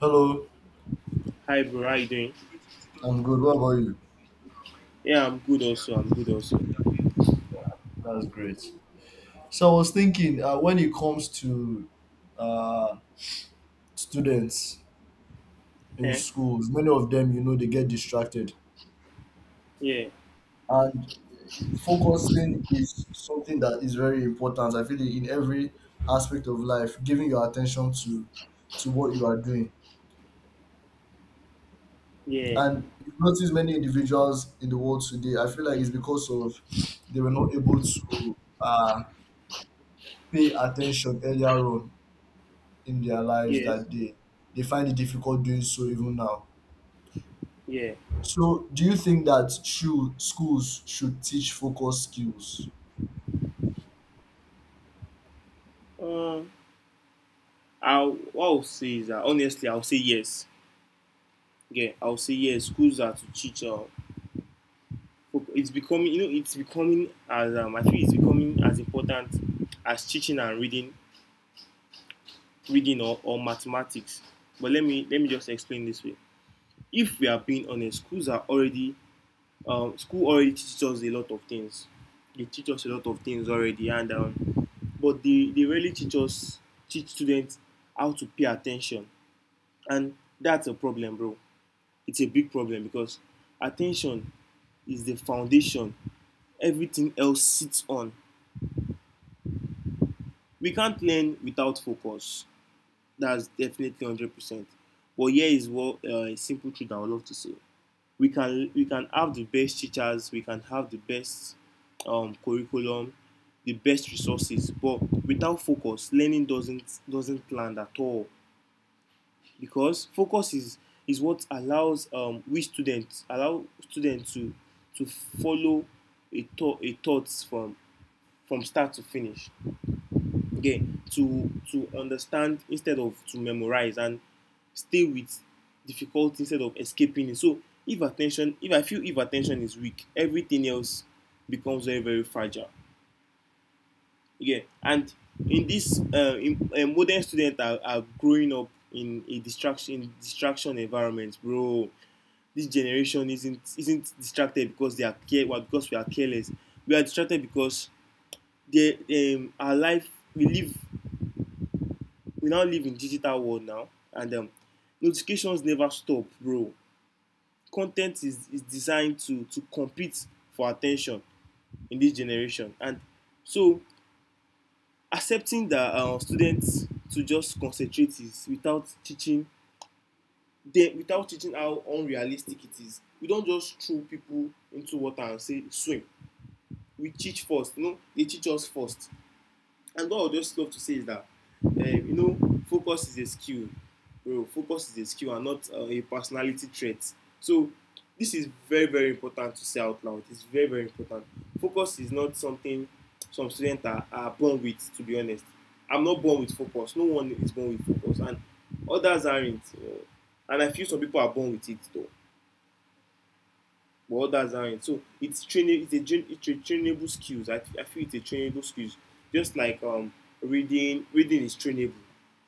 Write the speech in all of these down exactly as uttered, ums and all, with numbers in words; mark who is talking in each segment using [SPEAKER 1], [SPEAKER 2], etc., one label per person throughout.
[SPEAKER 1] Hello,
[SPEAKER 2] Hi bro, how you doing?
[SPEAKER 1] I'm good. What about you?
[SPEAKER 2] Yeah, I'm good also. I'm good also.
[SPEAKER 1] That's great. So I was thinking, uh, when it comes to uh, students in
[SPEAKER 2] Eh?
[SPEAKER 1] schools, many of them, you know, they get distracted,
[SPEAKER 2] Yeah,
[SPEAKER 1] and focusing is something that is very important. I feel it in every aspect of life, giving your attention to to what you are doing.
[SPEAKER 2] yeah,
[SPEAKER 1] And you notice many individuals in the world today. I feel like it's because of they were not able to uh, pay attention earlier on in their lives
[SPEAKER 2] yes,
[SPEAKER 1] that they they find it difficult doing so even now.
[SPEAKER 2] yeah.
[SPEAKER 1] So, do you think that should schools should teach focus skills?
[SPEAKER 2] Um, I will what I'll say is that honestly, I'll say yes. Yeah, I'll say yes. Schools are to teach. Uh, fo- it's becoming, you know, it's becoming as um, I feel it's becoming as important as teaching and reading, reading or, or mathematics. But let me let me just explain this way. If we are being honest, schools are already um, school already teaches us a lot of things. They teach us a lot of things already, and um, but they, they really teach us, teach students how to pay attention. And that's a problem, bro. It's a big problem because attention is the foundation everything else sits on. We can't learn without focus. That's definitely one hundred percent. But here is what uh, a simple truth I would love to say. We can we can have the best teachers, we can have the best um, curriculum, the best resources, but without focus, learning doesn't doesn't land at all. Because focus is is what allows um, we students allow students to to follow a thought a thoughts from from start to finish. Okay, to to understand instead of to memorize and stay with difficulty instead of escaping it. So if attention if I feel if attention is weak, everything else becomes very very fragile again. And in this uh, in, uh, modern students are, are growing up in a distraction in distraction environment, bro. This generation isn't isn't distracted because they are care well, because we are careless. We are distracted because they um, our life we live we now live in digital world now, and um, notifications never stop, bro. Content is, is designed to to compete for attention in this generation. And so accepting that uh, students to just concentrate is without teaching them, without teaching how unrealistic it is. We don't just throw people into water and say swim. We teach first, you know, they teach us first. And what I would just love to say is that uh, you know focus is a skill, bro. Focus is a skill and not uh, a personality trait. So this is very very important to say out loud. It's very very important. Focus is not something some students are, are born with, to be honest. I'm not born with focus. No one is born with focus, and others aren't. Uh, and I feel some people are born with it though, but others aren't. So it's training. It's a it's a trainable skills. I, I feel it's a trainable skills. Just like um reading reading is trainable,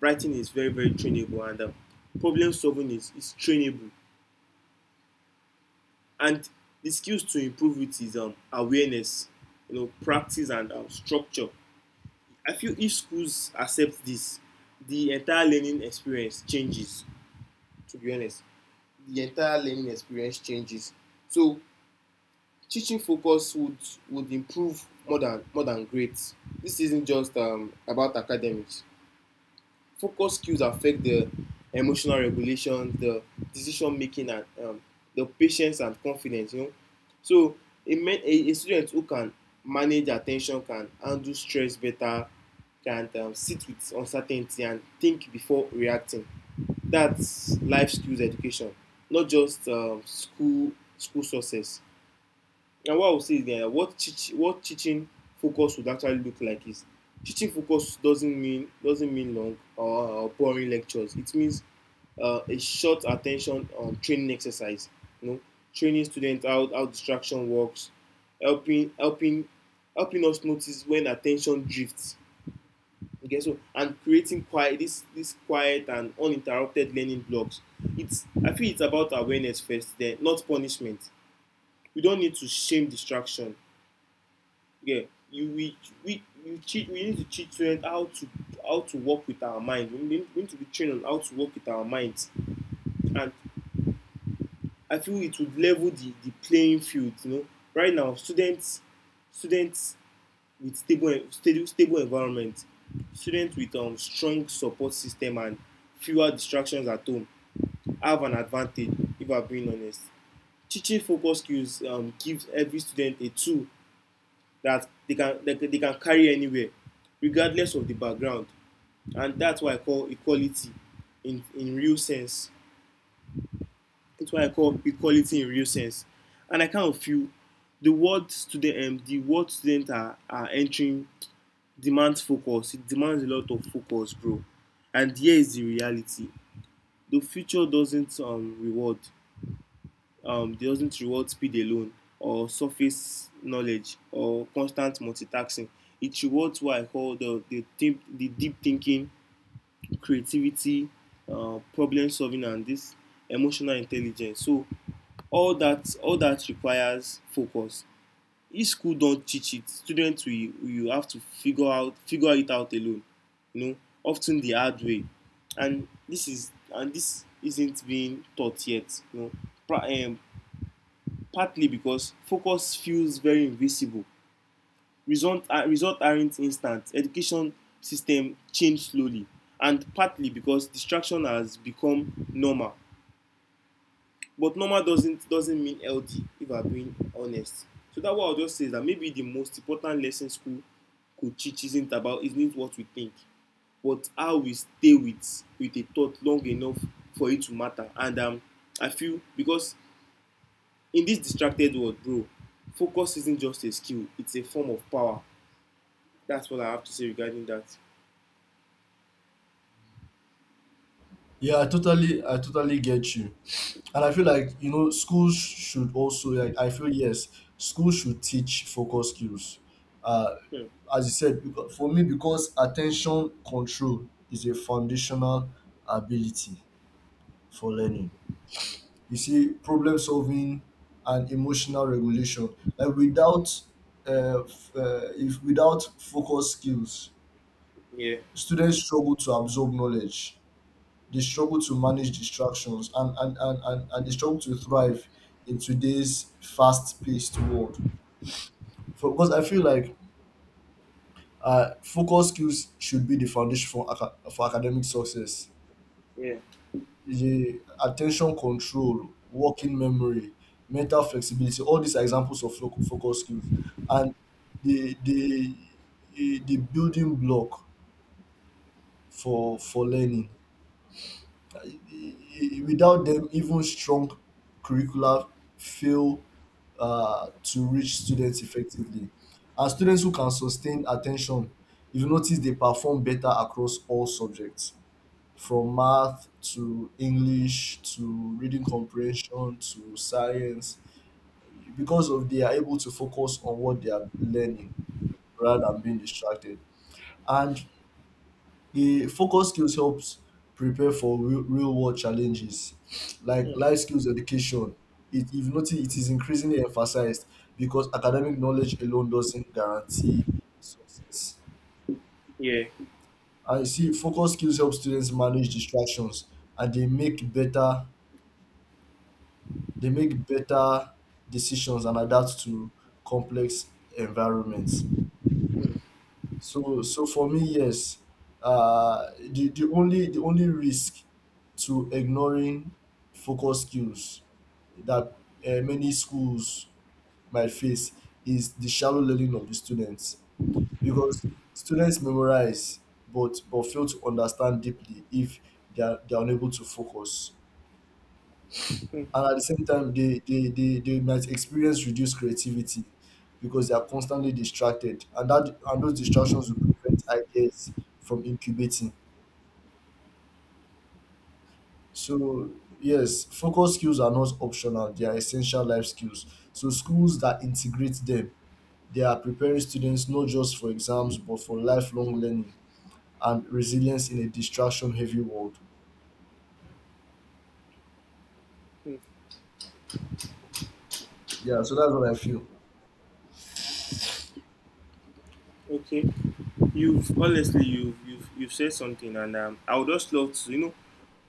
[SPEAKER 2] writing is very very trainable, and um, problem solving is is trainable. And the skills to improve it is um awareness, you know, practice and um, structure. I feel if schools accept this, the entire learning experience changes. To be honest, the entire learning experience changes. So teaching focus would would improve more than more than grades. This isn't just um, about academics. Focus skills affect the emotional regulation, the decision making, and um, the patience and confidence. You know, so a, men, a, a student who can manage attention can handle stress better, can um, sit with uncertainty and think before reacting. That's life skills education, not just um, school school success. And what I would say is that what teach, what teaching focus would actually look like is teaching focus doesn't mean doesn't mean long or, or boring lectures. It means uh, a short attention um, training exercise. You know, Training students out how distraction works, helping helping helping us notice when attention drifts. Okay, so and creating quiet, this this quiet and uninterrupted learning blocks. It's I feel it's about awareness first, then not punishment. We don't need to shame distraction. Yeah, you we we you teach we need to teach students how to how to work with our mind. We need, we need to be trained on how to work with our minds. And I feel it would level the, the playing field. You know, right now students students with stable stable stable environment, students with um strong support system and fewer distractions at home have an advantage. If I'm being honest, teaching focus skills um gives every student a tool that they can they, they can carry anywhere regardless of the background. And that's why I call equality in in real sense. That's why I call equality in real sense. And I kind of feel the word student um, the word student are, are entering demands focus. It demands a lot of focus, bro. And here is the reality. The future doesn't um, reward um, doesn't reward speed alone, or surface knowledge, or constant multitasking. It rewards what I call the the deep, the deep thinking, creativity, uh, problem solving, and this emotional intelligence. So all that all that requires focus. If school don't teach it, students will you have to figure out figure it out alone. You know, often the hard way. And this is and this isn't being taught yet. You know, pra- um, Partly because focus feels very invisible. Result, uh, results aren't instant. Education system change slowly, and partly because distraction has become normal. But normal doesn't doesn't mean healthy, if I'm being honest. So that's what I'll just say is that maybe the most important lesson school could teach isn't about isn't what we think, but how we stay with with a thought long enough for it to matter. And um, I feel because in this distracted world, bro, focus isn't just a skill, it's a form of power. That's what I have to say regarding that.
[SPEAKER 1] Yeah, I totally, I totally get you, and I feel like you know schools should also, like, I feel, yes, schools should teach focus skills. Uh,
[SPEAKER 2] Hmm.
[SPEAKER 1] as you said, because, for me, because attention control is a foundational ability for learning. You see, problem solving and emotional regulation. Like without, uh, f- uh, if without focus skills,
[SPEAKER 2] Yeah,
[SPEAKER 1] students struggle to absorb knowledge. They struggle to manage distractions, and and and and, and they struggle to thrive in today's fast-paced world. For, because I feel like uh, focus skills should be the foundation for aca- for academic success.
[SPEAKER 2] yeah,
[SPEAKER 1] Yeah, attention control, working memory, mental flexibility. All these are examples of fo- focus skills, and the the eh, the building block for for learning. I- I- Without them, even strong curricula fail uh, to reach students effectively. And students who can sustain attention, if you notice, they perform better across all subjects, from math to English to reading comprehension to science. Because of they are able to focus on what they are learning rather than being distracted. And the focus skills helps prepare for real, real world challenges, like
[SPEAKER 2] hmm,
[SPEAKER 1] life skills education. It, if you notice, it is increasingly emphasized because academic knowledge alone doesn't guarantee success.
[SPEAKER 2] yeah.
[SPEAKER 1] And you see, focus skills help students manage distractions, and they make better they make better decisions and adapt to complex environments.
[SPEAKER 2] Hmm.
[SPEAKER 1] So so for me, yes, uh, the, the only the only risk to ignoring focus skills that uh, many schools might face is the shallow learning of the students, because students memorize but but fail to understand deeply if they are, they are unable to focus.
[SPEAKER 2] Hmm.
[SPEAKER 1] And at the same time, they they they, they might experience reduced creativity because they are constantly distracted, and that and those distractions will prevent ideas from incubating. So yes, focus skills are not optional. They are essential life skills. So schools that integrate them, they are preparing students not just for exams, but for lifelong learning and resilience in a distraction heavy world.
[SPEAKER 2] Hmm.
[SPEAKER 1] Yeah, so that's what I feel.
[SPEAKER 2] Okay. You've honestly you've you've you've said something, and um, I would just love to, you know,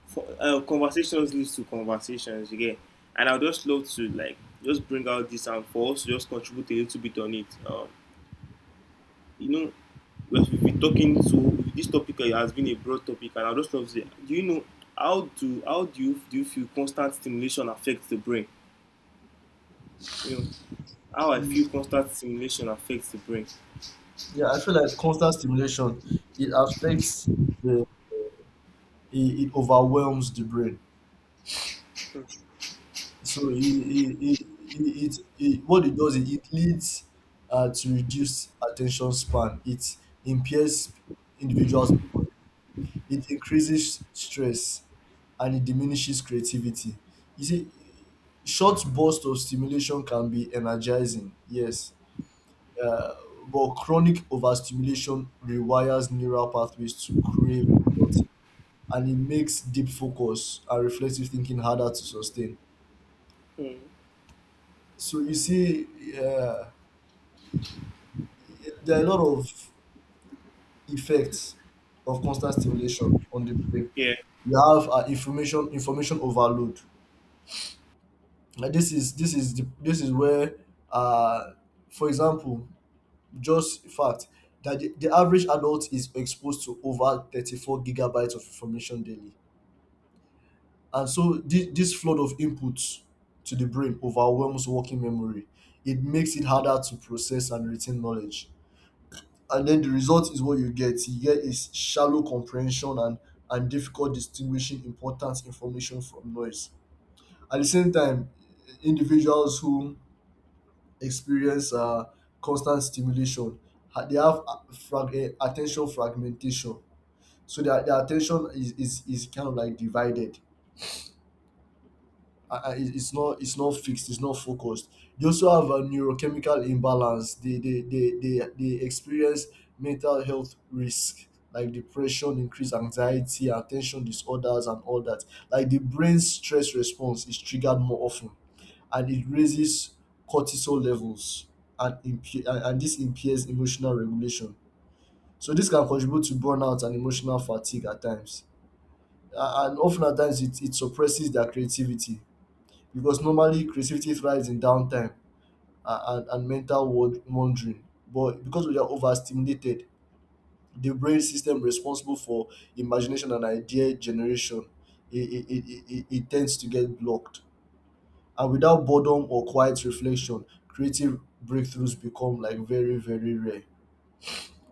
[SPEAKER 2] for, uh, conversations leads to conversations again. And I would just love to like just bring out this and for us to just contribute a little bit on it. Um you know, we've been talking to this topic has been a broad topic, and I just love to say, do you know how do how do you do you feel constant stimulation affects the brain? You know, how I
[SPEAKER 1] Mm,
[SPEAKER 2] feel constant stimulation affects the brain.
[SPEAKER 1] yeah, I feel like constant stimulation it affects the it, it overwhelms the brain. So it, it, it, it, it, what it does is it leads uh, to reduced attention span. It impairs individuals' memory. It increases stress, and it diminishes creativity. You see, short bursts of stimulation can be energizing, yes, uh, but chronic overstimulation rewires neural pathways to crave products, and it makes deep focus and reflective thinking harder to sustain.
[SPEAKER 2] Mm.
[SPEAKER 1] So you see, uh, there are a lot of effects of constant stimulation on the brain.
[SPEAKER 2] Yeah,
[SPEAKER 1] You have uh, information information overload. Like, this is this is the, this is where, uh, for example, just fact that the, the average adult is exposed to over thirty four gigabytes of information daily, and so this, this flood of inputs to the brain overwhelms working memory. It makes it harder to process and retain knowledge, and then the result is what you get. You get is shallow comprehension and and difficult distinguishing important information from noise. At the same time, individuals who experience uh, constant stimulation, ha- they have a- frag- eh, attention fragmentation. So their, their attention is, is, is kind of like divided. uh, uh, it- it's not it's not fixed, it's not focused. They also have a neurochemical imbalance. They they they they, they experience mental health risk, like depression, increased anxiety, attention disorders, and all that. Like, the brain's stress response is triggered more often, and it raises cortisol levels, and imp- and and this impairs emotional regulation. So this can contribute to burnout and emotional fatigue at times. A- and often at times, it, it suppresses their creativity, because normally creativity thrives in downtime and, and, and mental wand- wandering. But because we are overstimulated, the brain system responsible for imagination and idea generation, it, it, it, it, it tends to get blocked. And without boredom or quiet reflection, creative breakthroughs become, like, very, very rare.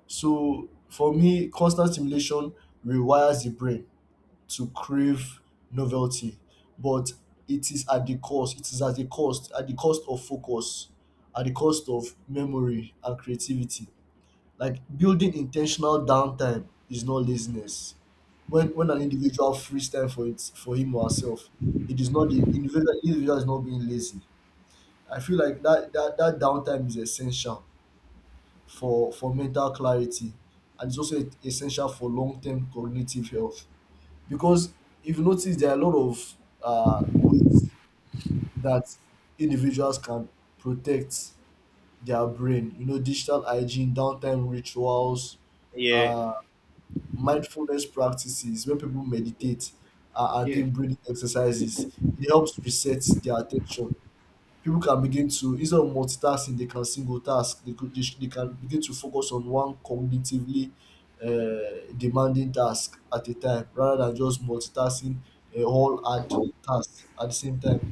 [SPEAKER 1] So for me, constant stimulation rewires the brain to crave novelty, but it is at the cost. It is at the cost, at the cost of focus, at the cost of memory and creativity. Like, building intentional downtime is not laziness. When when an individual frees time for it for him or herself, it is not the individual individual is not being lazy. I feel like that that, that downtime is essential for for mental clarity, and it's also essential for long term cognitive health, because if you notice there are a lot of uh, ways that individuals can protect their brain, you know digital hygiene, downtime rituals,
[SPEAKER 2] yeah,
[SPEAKER 1] uh, mindfulness practices. When people meditate uh, and
[SPEAKER 2] yeah,
[SPEAKER 1] take breathing exercises, it helps reset their attention. People can begin to, instead of multitasking, they can single task. They could they, sh- they can begin to focus on one cognitively uh, demanding task at a time, rather than just multitasking a whole hard task at the same time.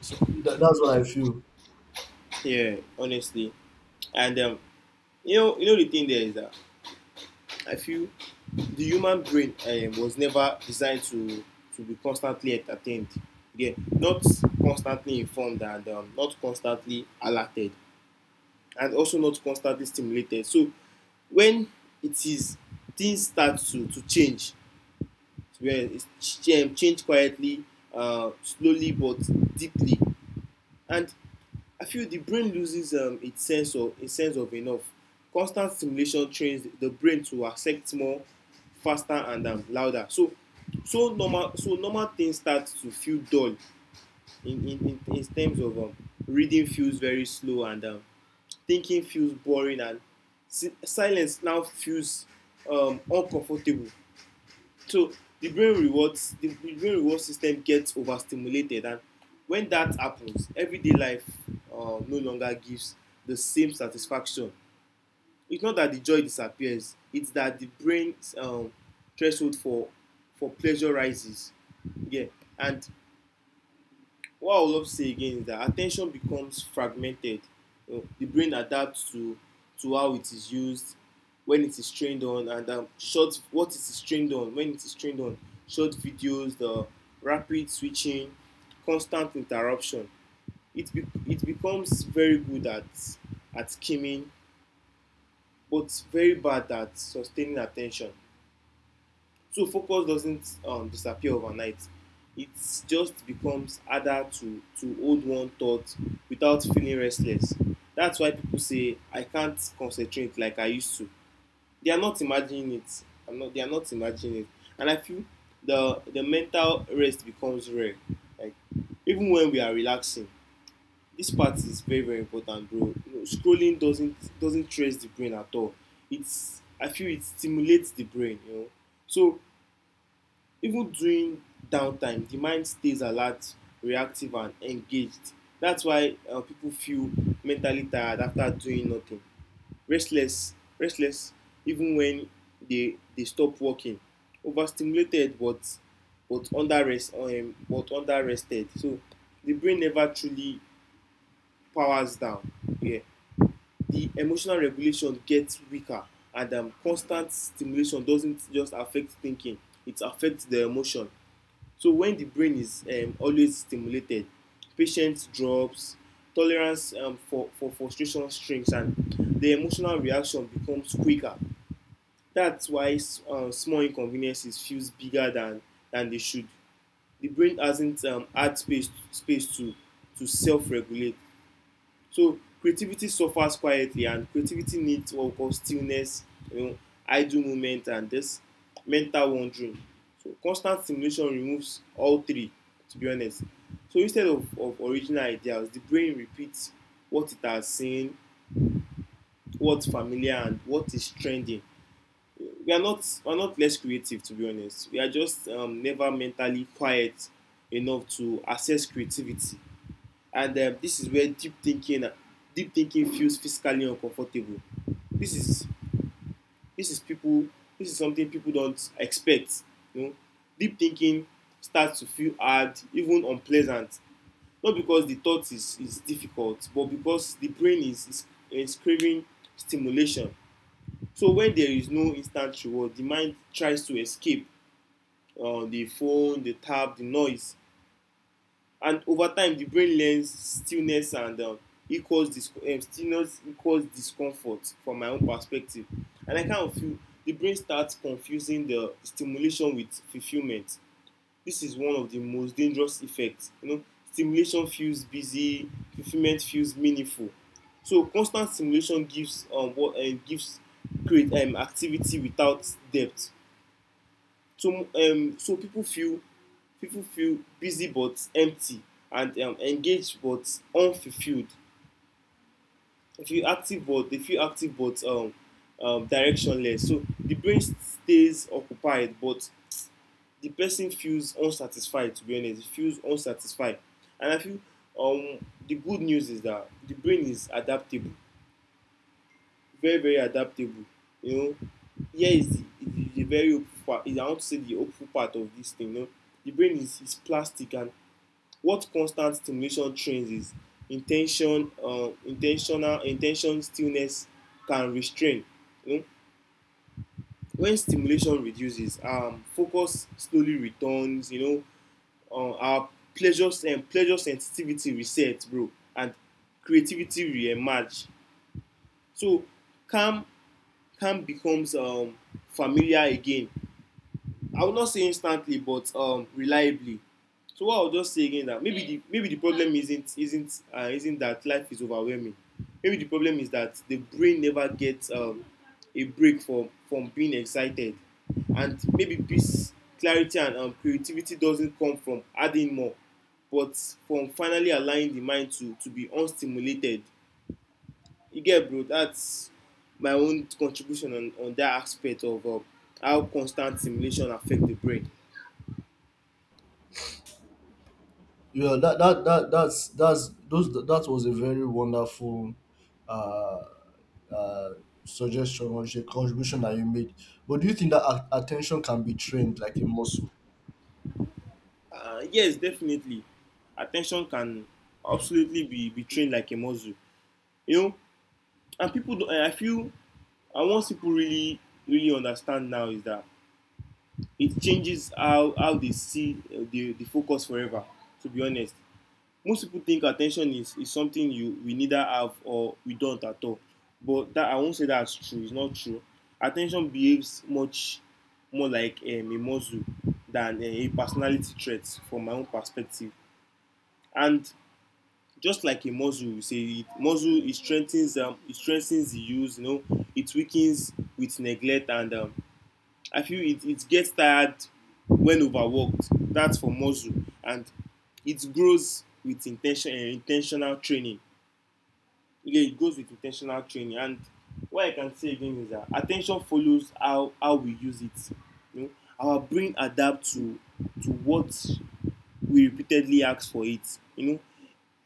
[SPEAKER 1] So that, that's what I feel.
[SPEAKER 2] yeah. Honestly, and um, you know, you know the thing there is that I feel the human brain um, was never designed to to be constantly entertained. Yeah, not constantly informed and um, not constantly alerted, and also not constantly stimulated. So when it is things start to to change, where it's um, change quietly, uh, slowly but deeply. And I feel the brain loses um, its sense of its sense of enough. Constant stimulation trains the brain to accept more, faster and um, louder. So so normal so normal things start to feel dull. In, in, in, terms of um, reading feels very slow, and um, thinking feels boring, and si- silence now feels um, uncomfortable. So the brain rewards the, the brain reward system gets overstimulated. And when that happens, everyday life uh, no longer gives the same satisfaction. It's not that the joy disappears; it's that the brain's um, threshold for for pleasure rises. Yeah, and what I would love to say again is that attention becomes fragmented. You know, the brain adapts to to how it is used, when it is trained on, and um, short what it is trained on. When it is trained on short videos, the rapid switching, constant interruption, It be, it becomes very good at at skimming, but very bad at sustaining attention. So focus doesn't um, disappear overnight. It just becomes harder to, to hold one thought without feeling restless. That's why people say, I can't concentrate like I used to. They are not imagining it. I'm not they are not imagining it. And I feel the the mental rest becomes rare. Like even when we are relaxing, this part is very, very important, bro. You know, scrolling doesn't doesn't stress the brain at all. It's I feel it stimulates the brain, you know. So even during downtime, the mind stays alert, reactive, and engaged. That's why uh, people feel mentally tired after doing nothing, restless, restless, even when they they stop working, overstimulated, but but under rest um, but under rested. So the brain never truly powers down. Yeah, the emotional regulation gets weaker, and um, constant stimulation doesn't just affect thinking; it affects the emotion. So when the brain is um, always stimulated, patience drops, tolerance um, for, for frustration shrinks, and the emotional reaction becomes quicker. That's why uh, small inconveniences feels bigger than, than they should. The brain hasn't um, had space, space to, to self-regulate. So creativity suffers quietly, and creativity needs what we call stillness, you know, idle moment, and this mental wandering. So constant stimulation removes all three, to be honest. So instead of, of original ideas, the brain repeats what it has seen, what's familiar, and what is trending. We are not we are not less creative, to be honest. We are just um, never mentally quiet enough to assess creativity, and um, this is where deep thinking uh, deep thinking feels physically uncomfortable. this is this is people this is something people don't expect, you know. Deep thinking starts to feel hard, even unpleasant, not because the thought is is difficult, but because the brain is is, is craving stimulation. So when there is no instant reward, the mind tries to escape, uh, the phone, the tab, the noise. And over time the brain learns stillness and um, equals dis um, stillness equals discomfort, from my own perspective. And I kind of feel the brain starts confusing the stimulation with fulfilment. This is one of the most dangerous effects, you know. Stimulation feels busy, fulfilment feels meaningful. So constant stimulation gives um, what, uh, gives create um, activity without depth. To um, so people feel People feel busy but empty, and um, engaged but unfulfilled. They feel active, but they feel active but um, um, directionless. So the brain stays occupied, but the person feels unsatisfied, to be honest. It feels unsatisfied. And I feel um, the good news is that the brain is adaptable, very very adaptable, you know. Here is the the, the very hopeful part. Is i want to say the hopeful part of this thing, you know. The brain is is plastic, and what constant stimulation trains is intention, uh, intentional intention stillness can restrain, you know. When stimulation reduces, um, focus slowly returns, you know. Uh, our pleasure um, Pleasure sensitivity resets, bro. And creativity re-emerge. So calm, calm becomes um, familiar again. I would not say instantly, but um, reliably. So what I'll just say again, that maybe the maybe the problem isn't isn't uh, isn't that life is overwhelming. Maybe the problem is that the brain never gets um, a break from from being excited, and maybe peace, clarity, and um, creativity doesn't come from adding more, but from finally allowing the mind to to be unstimulated. You get, bro? That's my own contribution on on that aspect of um, how constant stimulation affect the brain.
[SPEAKER 1] Yeah, that, that that that's that's those that was a very wonderful uh uh suggestion or sh- contribution that you made. But do you think that a- attention can be trained like a muscle?
[SPEAKER 2] Uh, yes, definitely. Attention can absolutely be be trained like a muscle, you know. And people don I feel And once people really really understand now is that it changes how how they see, uh, the the focus forever, to be honest. Most people think attention is, is something you, we neither have or we don't at all. But that, I won't say that's true. It's not true. Attention behaves much more like um, a muscle than uh, a personality trait, from my own perspective. And just like a muscle, you say it, muscle it strengthens, um, it strengthens the use. You know, it weakens with neglect, and um, I feel it, it gets tired when overworked. That's for muscle, and it grows with intention and intentional training. Yeah, it goes with intentional training. And what I can say again is that attention follows how how we use it. You know, our brain adapts to to what we repeatedly ask for it. You know,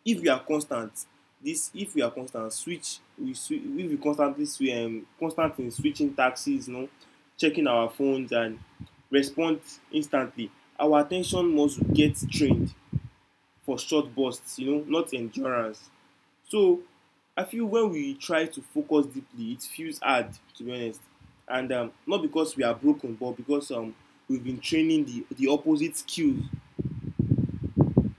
[SPEAKER 2] if we are constant this if we are constant switch we switch if we constantly switch, um, constant in switching taxis you know, checking our phones and respond instantly, our attention must get trained for short bursts, you know, not endurance. So I feel when we try to focus deeply, it feels hard, to be honest. And um, not because we are broken, but because um, we've been training the the opposite skills.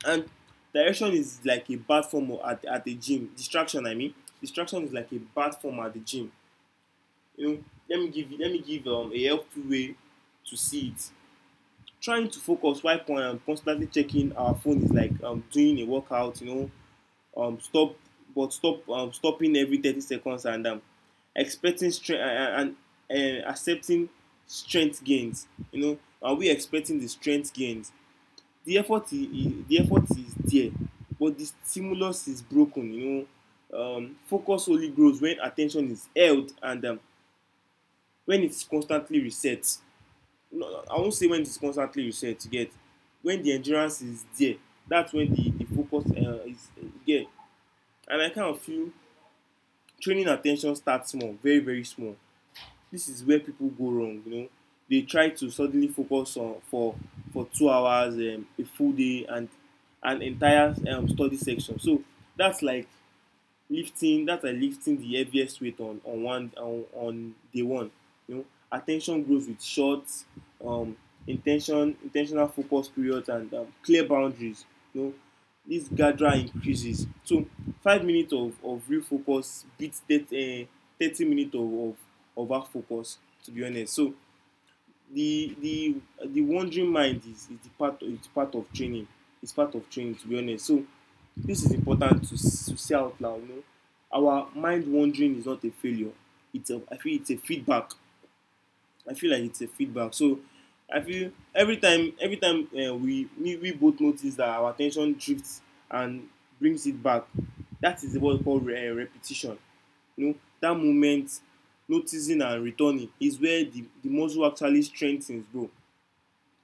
[SPEAKER 2] And direction is like a bad form at, at the gym, distraction I mean. Distraction is like a bad form at the gym, you know. Let me give you- let me give um, a helpful way to see it. Trying to focus while con- um, constantly checking our phone is like um, doing a workout, you know. Um, stop but stop um, Stopping every thirty seconds and um, expecting strength, and, and, and accepting strength gains. You know, are we expecting the strength gains? The effort is, the effort is there, but the stimulus is broken, you know. Um, focus only grows when attention is held, and um, when it is constantly reset. No, no, I won say when it is constantly reset. You get? When the endurance is there, that's when the the focus uh, is. You get? And I kind of feel training at ten tion starts small, very very small. This is where people go wrong, you know. They try to suddenly focus on for for two hours, um, a full day, and an entire um, study section. So that's like lifting that's like lifting the heaviest weight on on one on, on day one, you know. Attention grows with short um intention intentional focus periods and um, clear boundaries, you know. This gathera increases. So five minutes of of real focus beats that uh, thirty minutes of of of half focus, to be honest. So the the the wandering mind is is the part is part of training. It's part of training, to be honest. So this is important to, to see out now. You know, our mind wandering is not a failure. It's a I feel it's a feedback. I feel like it's a feedback. So I feel every time every time uh, we, we we both notice that our attention drifts and brings it back. That is what we call re- uh, repetition. You know, that moment, noticing and returning, is where the, the muscle actually strengthens, bro.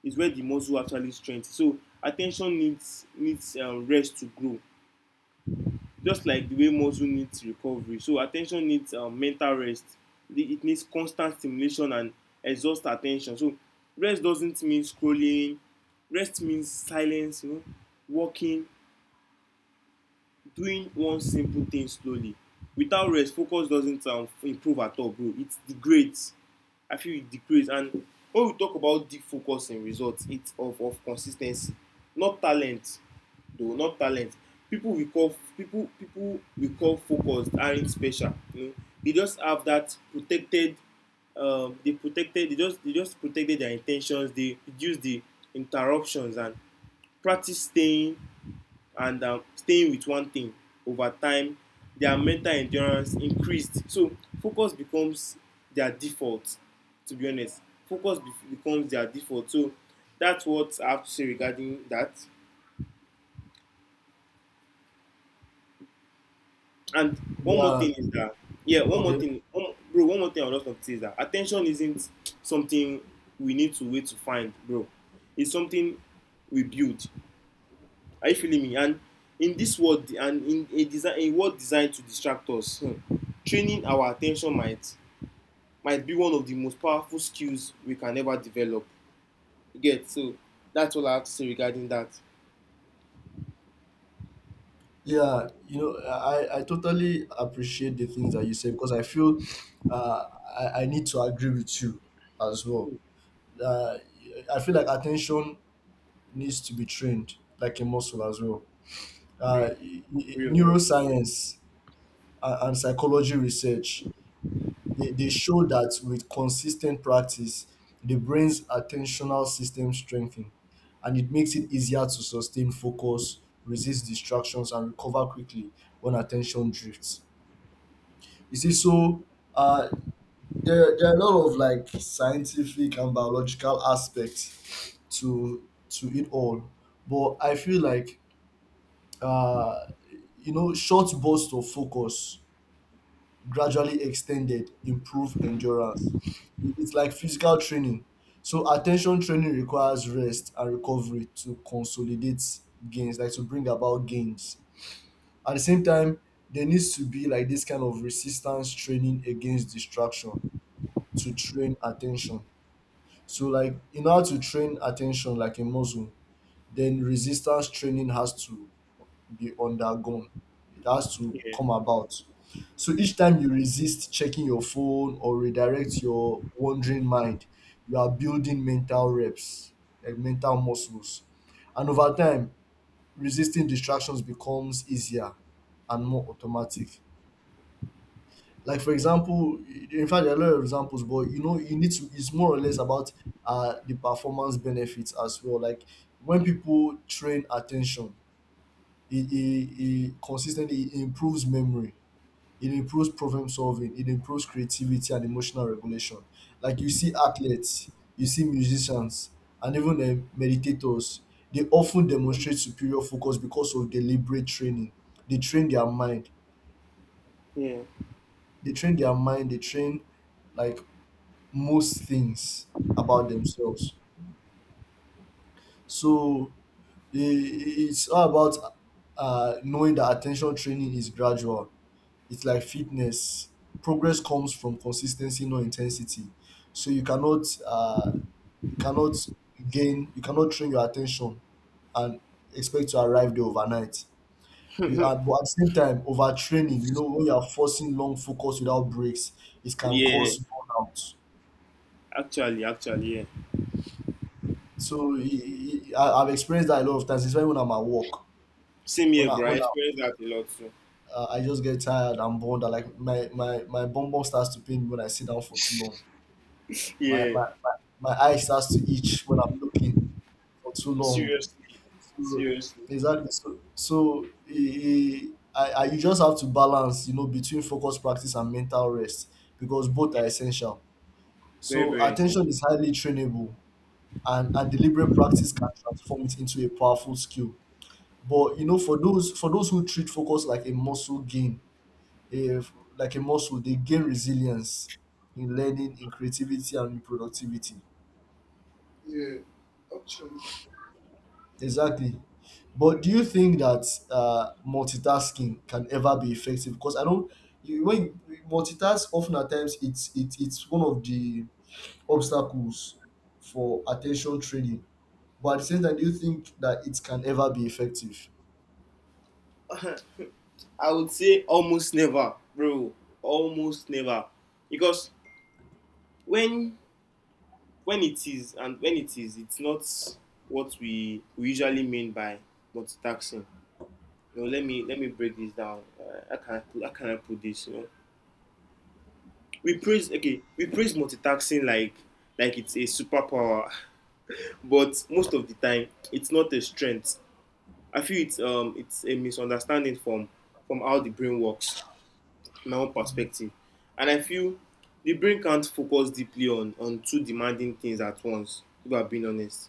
[SPEAKER 2] Is where the muscle actually strengthens. So attention needs needs uh, rest to grow, just like the way muscle needs recovery. So attention needs um, mental rest. it it needs constant stimulation and exhaust attention. So rest doesn't mean scrolling, rest means silence, you know. Walking, doing one simple thing slowly. Without rest, focus doesn't um, improve at all, bro, it degrades. I feel it degrades. And when we talk about deep focus in results, it's of, of consistency, not talent, though, not talent. People we call people people we call focused aren't special. You know, they just have that protected. Um, they protected. They just they just protected their intentions. They reduce the interruptions and practice staying and um, staying with one thing. Over time, their mental endurance increased. So focus becomes their default, to be honest. Focus be becomes their default. So that's what I have to say regarding that. And one more
[SPEAKER 1] Yeah.
[SPEAKER 2] thing is that, yeah, one more
[SPEAKER 1] Okay.
[SPEAKER 2] thing one, bro, one more thing I would love to say is that attention isn't something we need to wait to find, bro. It's something we build. Are you feeling me? And in this world, and in a design a world designed to distract us, hmm, training our attention might might be one of the most powerful skills we can ever develop. You get? So that's all I have to say regarding that.
[SPEAKER 1] Yeah, you know, I, I totally appreciate the things that you say because I feel uh, I, I need to agree with you as well. Uh, I feel like attention needs to be trained like a muscle as well. Uh,
[SPEAKER 2] Real,
[SPEAKER 1] y- y-
[SPEAKER 2] real, real.
[SPEAKER 1] neuroscience and, and psychology research, they, they show that with consistent practice, the brain's attentional system strengthens, and it makes it easier to sustain focus, resist distractions, and recover quickly when attention drifts. You see, so uh, there, there are a lot of, like, scientific and biological aspects to to it all, but I feel like uh, you know, short bursts of focus, gradually extended, improve endurance. It- It's like physical training. So attention training requires rest and recovery to consolidate gains, like to bring about gains. At the same time, there needs to be, like, this kind of resistance training against distraction to train attention. So, like, in order to train attention like a muscle, then resistance training has to be undergone. It has to
[SPEAKER 2] Yeah,
[SPEAKER 1] come about. So each time you resist checking your phone or redirect your wandering mind, you are building mental reps, like mental muscles. And over time, resisting distractions becomes easier and more automatic. Like, for example, in fact, there are a lot of examples, but you know, you need to. It's more or less about uh, the performance benefits as well. Like when people train attention, it, it, it consistently it improves memory, it improves problem solving, it improves creativity and emotional regulation. Like, you see athletes, you see musicians, and even uh, meditators. They often demonstrate superior focus because of deliberate training. They train their mind.
[SPEAKER 2] yeah,
[SPEAKER 1] They train their mind. They train, like, most things about themselves. So i- i- it's all about uh, knowing that attention training is gradual. It's like fitness. Progress comes from consistency, not intensity. So you cannot uh, you cannot gain you cannot train your attention and expect to arrive there overnight. Be- uh, But at the same time, overtraining, you know, when you are forcing long focus without breaks, it can
[SPEAKER 2] yeah.
[SPEAKER 1] cause burnout.
[SPEAKER 2] Actually, actually, yeah.
[SPEAKER 1] So he, he, I, I've experienced that a lot of times, especially when I'm at work.
[SPEAKER 2] Same
[SPEAKER 1] When
[SPEAKER 2] here,
[SPEAKER 1] I
[SPEAKER 2] bro. I
[SPEAKER 1] when I,
[SPEAKER 2] experienced that a lot too.
[SPEAKER 1] uh, I just get tired and bored, and, like, my my my bum bum starts to pain me when I sit down for too long. My
[SPEAKER 2] Yeah,
[SPEAKER 1] my my, my eye starts to itch when I'm looking for too long.
[SPEAKER 2] seriously,
[SPEAKER 1] So
[SPEAKER 2] seriously.
[SPEAKER 1] exactly. So so he, I, I you just have to balance, you know, between focus practice and mental rest, because both are
[SPEAKER 2] Yeah,
[SPEAKER 1] essential.
[SPEAKER 2] very,
[SPEAKER 1] So
[SPEAKER 2] very
[SPEAKER 1] attention
[SPEAKER 2] essential.
[SPEAKER 1] is highly trainable, and and deliberate practice can transform it into a powerful skill. But you know, for those for those who treat focus like a muscle gain, if, like a muscle, they gain resilience in learning, in creativity, and in productivity.
[SPEAKER 2] Yeah, actually.
[SPEAKER 1] Exactly. But do you think that uh, multitasking can ever be effective? Because I don't. You, when you- multitask, often at times, it's it, it's one of the obstacles for attention training. But at the same time, do you think that it can ever be effective?
[SPEAKER 2] I would say almost never, bro. Almost never. Because when when it is, and when it is, it's not what we, we usually mean by multitasking. You know, let me let me break this down. Uh, how can I put how can I put this? You know, we praise, okay, we praise multitasking like like it's a superpower, but most of the time it's not a strength. I feel it's um it's a misunderstanding from from how the brain works. My own perspective. And I feel the brain can't focus deeply on on two demanding things at once, if I'm being honest.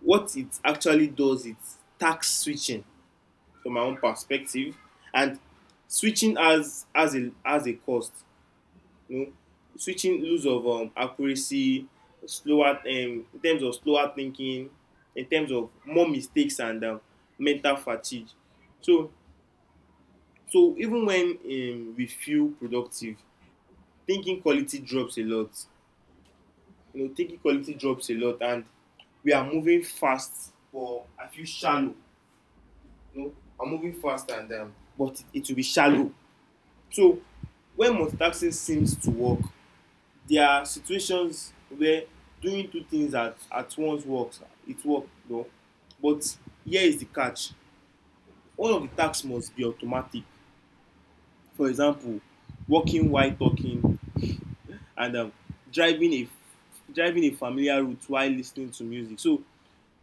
[SPEAKER 2] What it actually does is task switching, from my own perspective. And switching as as a as a cost, you know. Switching lose of um, accuracy, slower um, in terms of slower thinking, in terms of more mistakes and um, mental fatigue. So so even when um, we feel productive, thinking quality drops a lot. You know, thinking quality drops a lot, and we are moving fast, but I feel shallow. You know, I'm moving fast, and um, but it, it will be shallow. So when multitasking seems to work, there are situations where doing two things at at once works. It works, you know. But here is the catch: all of the tasks must be automatic. For example, walking while talking and um, driving a driving a familiar route while listening to music. So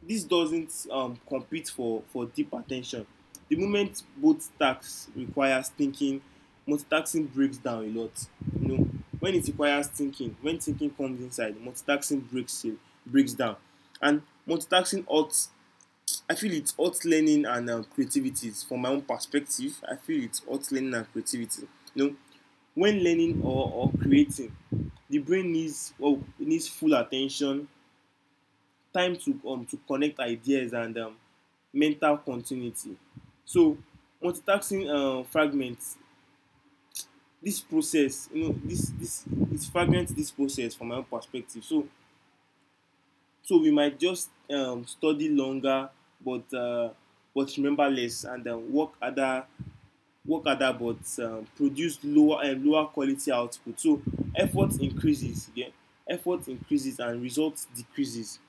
[SPEAKER 2] this doesn't um, compete for for deep attention. The moment both tasks requires thinking, multitasking breaks down a lot. You know, when it requires thinking, when thinking comes inside, multitasking breaks in, breaks down. And multitasking ought, I feel it ought learning and um, creativities. From my own perspective, I feel it ought learning and creativity. You know, when learning or, or creating, the brain needs, well, needs full attention, time to um, to connect ideas, and um, mental continuity. So multitasking uh, fragments this process. You know this this it fragments this process, from my own perspective. So so we might just um, study longer, but uh, but remember less, and um, work harder, work harder but um, produce lower um, lower quality output. So effort increases, yeah? Effort increases and result decreases.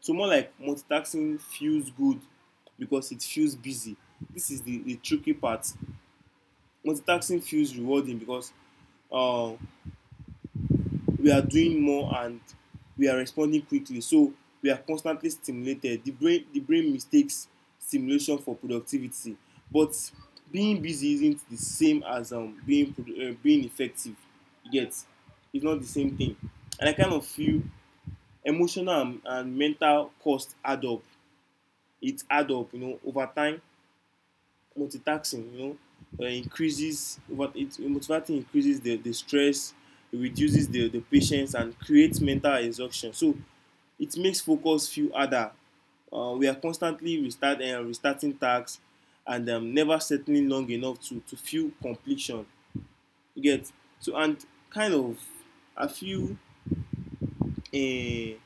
[SPEAKER 2] So more like multitasking feels good because it feels busy. This is the the tricky part. Multitasking feels rewarding because um, we are doing more, and we are responding quickly. So we are constantly stimulated. The brain the brain mistakes stimulation for productivity. But being busy isn't the same as um, being produ- uh, being effective, yet. It's not the same thing. And I kind of feel emotional and, and mental cost add up. It add up, you know. Over time, multitasking, you know, uh, increases what it multitasking increases the, the stress, it reduces the, the patience, and creates mental exhaustion. So it makes focus feel harder. Uh, we are constantly restart and uh, restarting tasks and um, never settling long enough to, to feel completion. You get? So and kind of I feel, uh,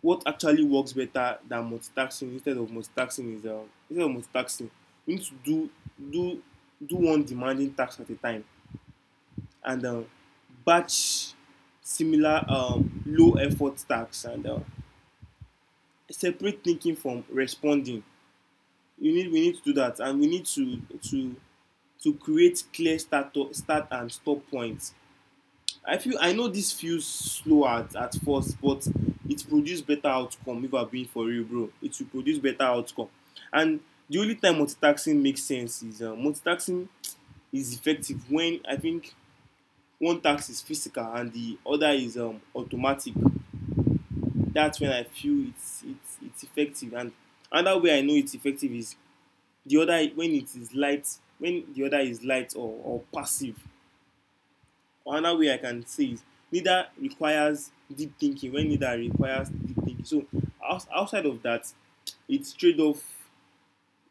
[SPEAKER 2] what actually works better than multitasking, instead of multitasking, is, um, instead of multitasking we need to do do do one demanding task at a time, and um, batch similar um, low effort tasks, and uh, separate thinking from responding. You need, we need to do that, and we need to to to create clear start start and stop points. I feel, I know this feels slow at, at first, but it produced better outcome, if I'm being for real, bro. It will produce better outcome. And the only time multitasking makes sense is, uh, multitasking is effective when I think one task is physical and the other is um, automatic. That's when I feel it's it's it's effective. And another way I know it's effective is the other when it is light, when the other is light or, or passive. Another way I can say is neither requires deep thinking when neither requires deep thinking. So outside of that, it's trade off.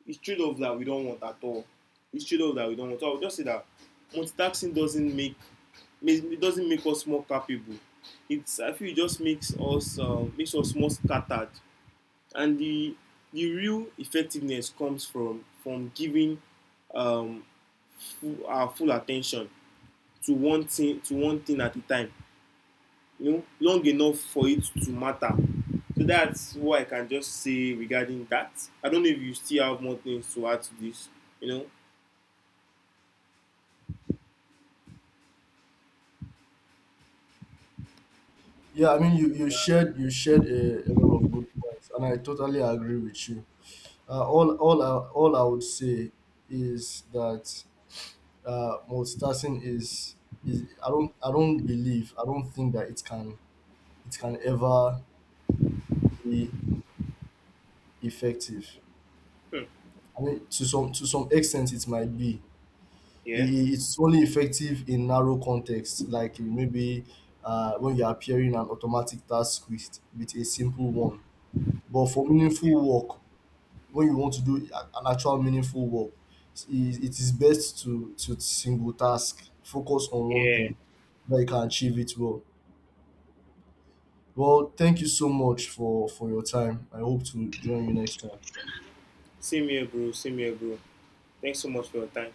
[SPEAKER 2] It's trade off that we don't want at all. It's trade off that we don't want. So I would just say that multitasking doesn't make, it doesn't make us more capable. It's, I feel it just makes us uh, makes us more scattered. And the the real effectiveness comes from from giving um, full, our full attention to one thing, to one thing at a time, you know, long enough for it to matter. So that's what I can just say regarding that. I don't know if you still have more things to add to this. You know?
[SPEAKER 1] Yeah, I mean, you, you shared you shared a, a lot of good points, and I totally agree with you. Uh, all all I, all I would say is that uh, multitasking is is I don't I don't believe I don't think that it can it can ever be effective.
[SPEAKER 2] Hmm.
[SPEAKER 1] I mean, to some to some extent, it might be. I-
[SPEAKER 2] Yeah.
[SPEAKER 1] i- It's only effective in narrow context, like, maybe uh, when you're appearing an automatic task with with a simple one. But for meaningful work, when you want to do an actual meaningful work, i- it is best to to single task, focus on one
[SPEAKER 2] Yeah.
[SPEAKER 1] thing that you can achieve it well. Well, thank you so much for for your time. I hope to join you next time.
[SPEAKER 2] Same here, bro. Same here, bro. Thanks so much for your time.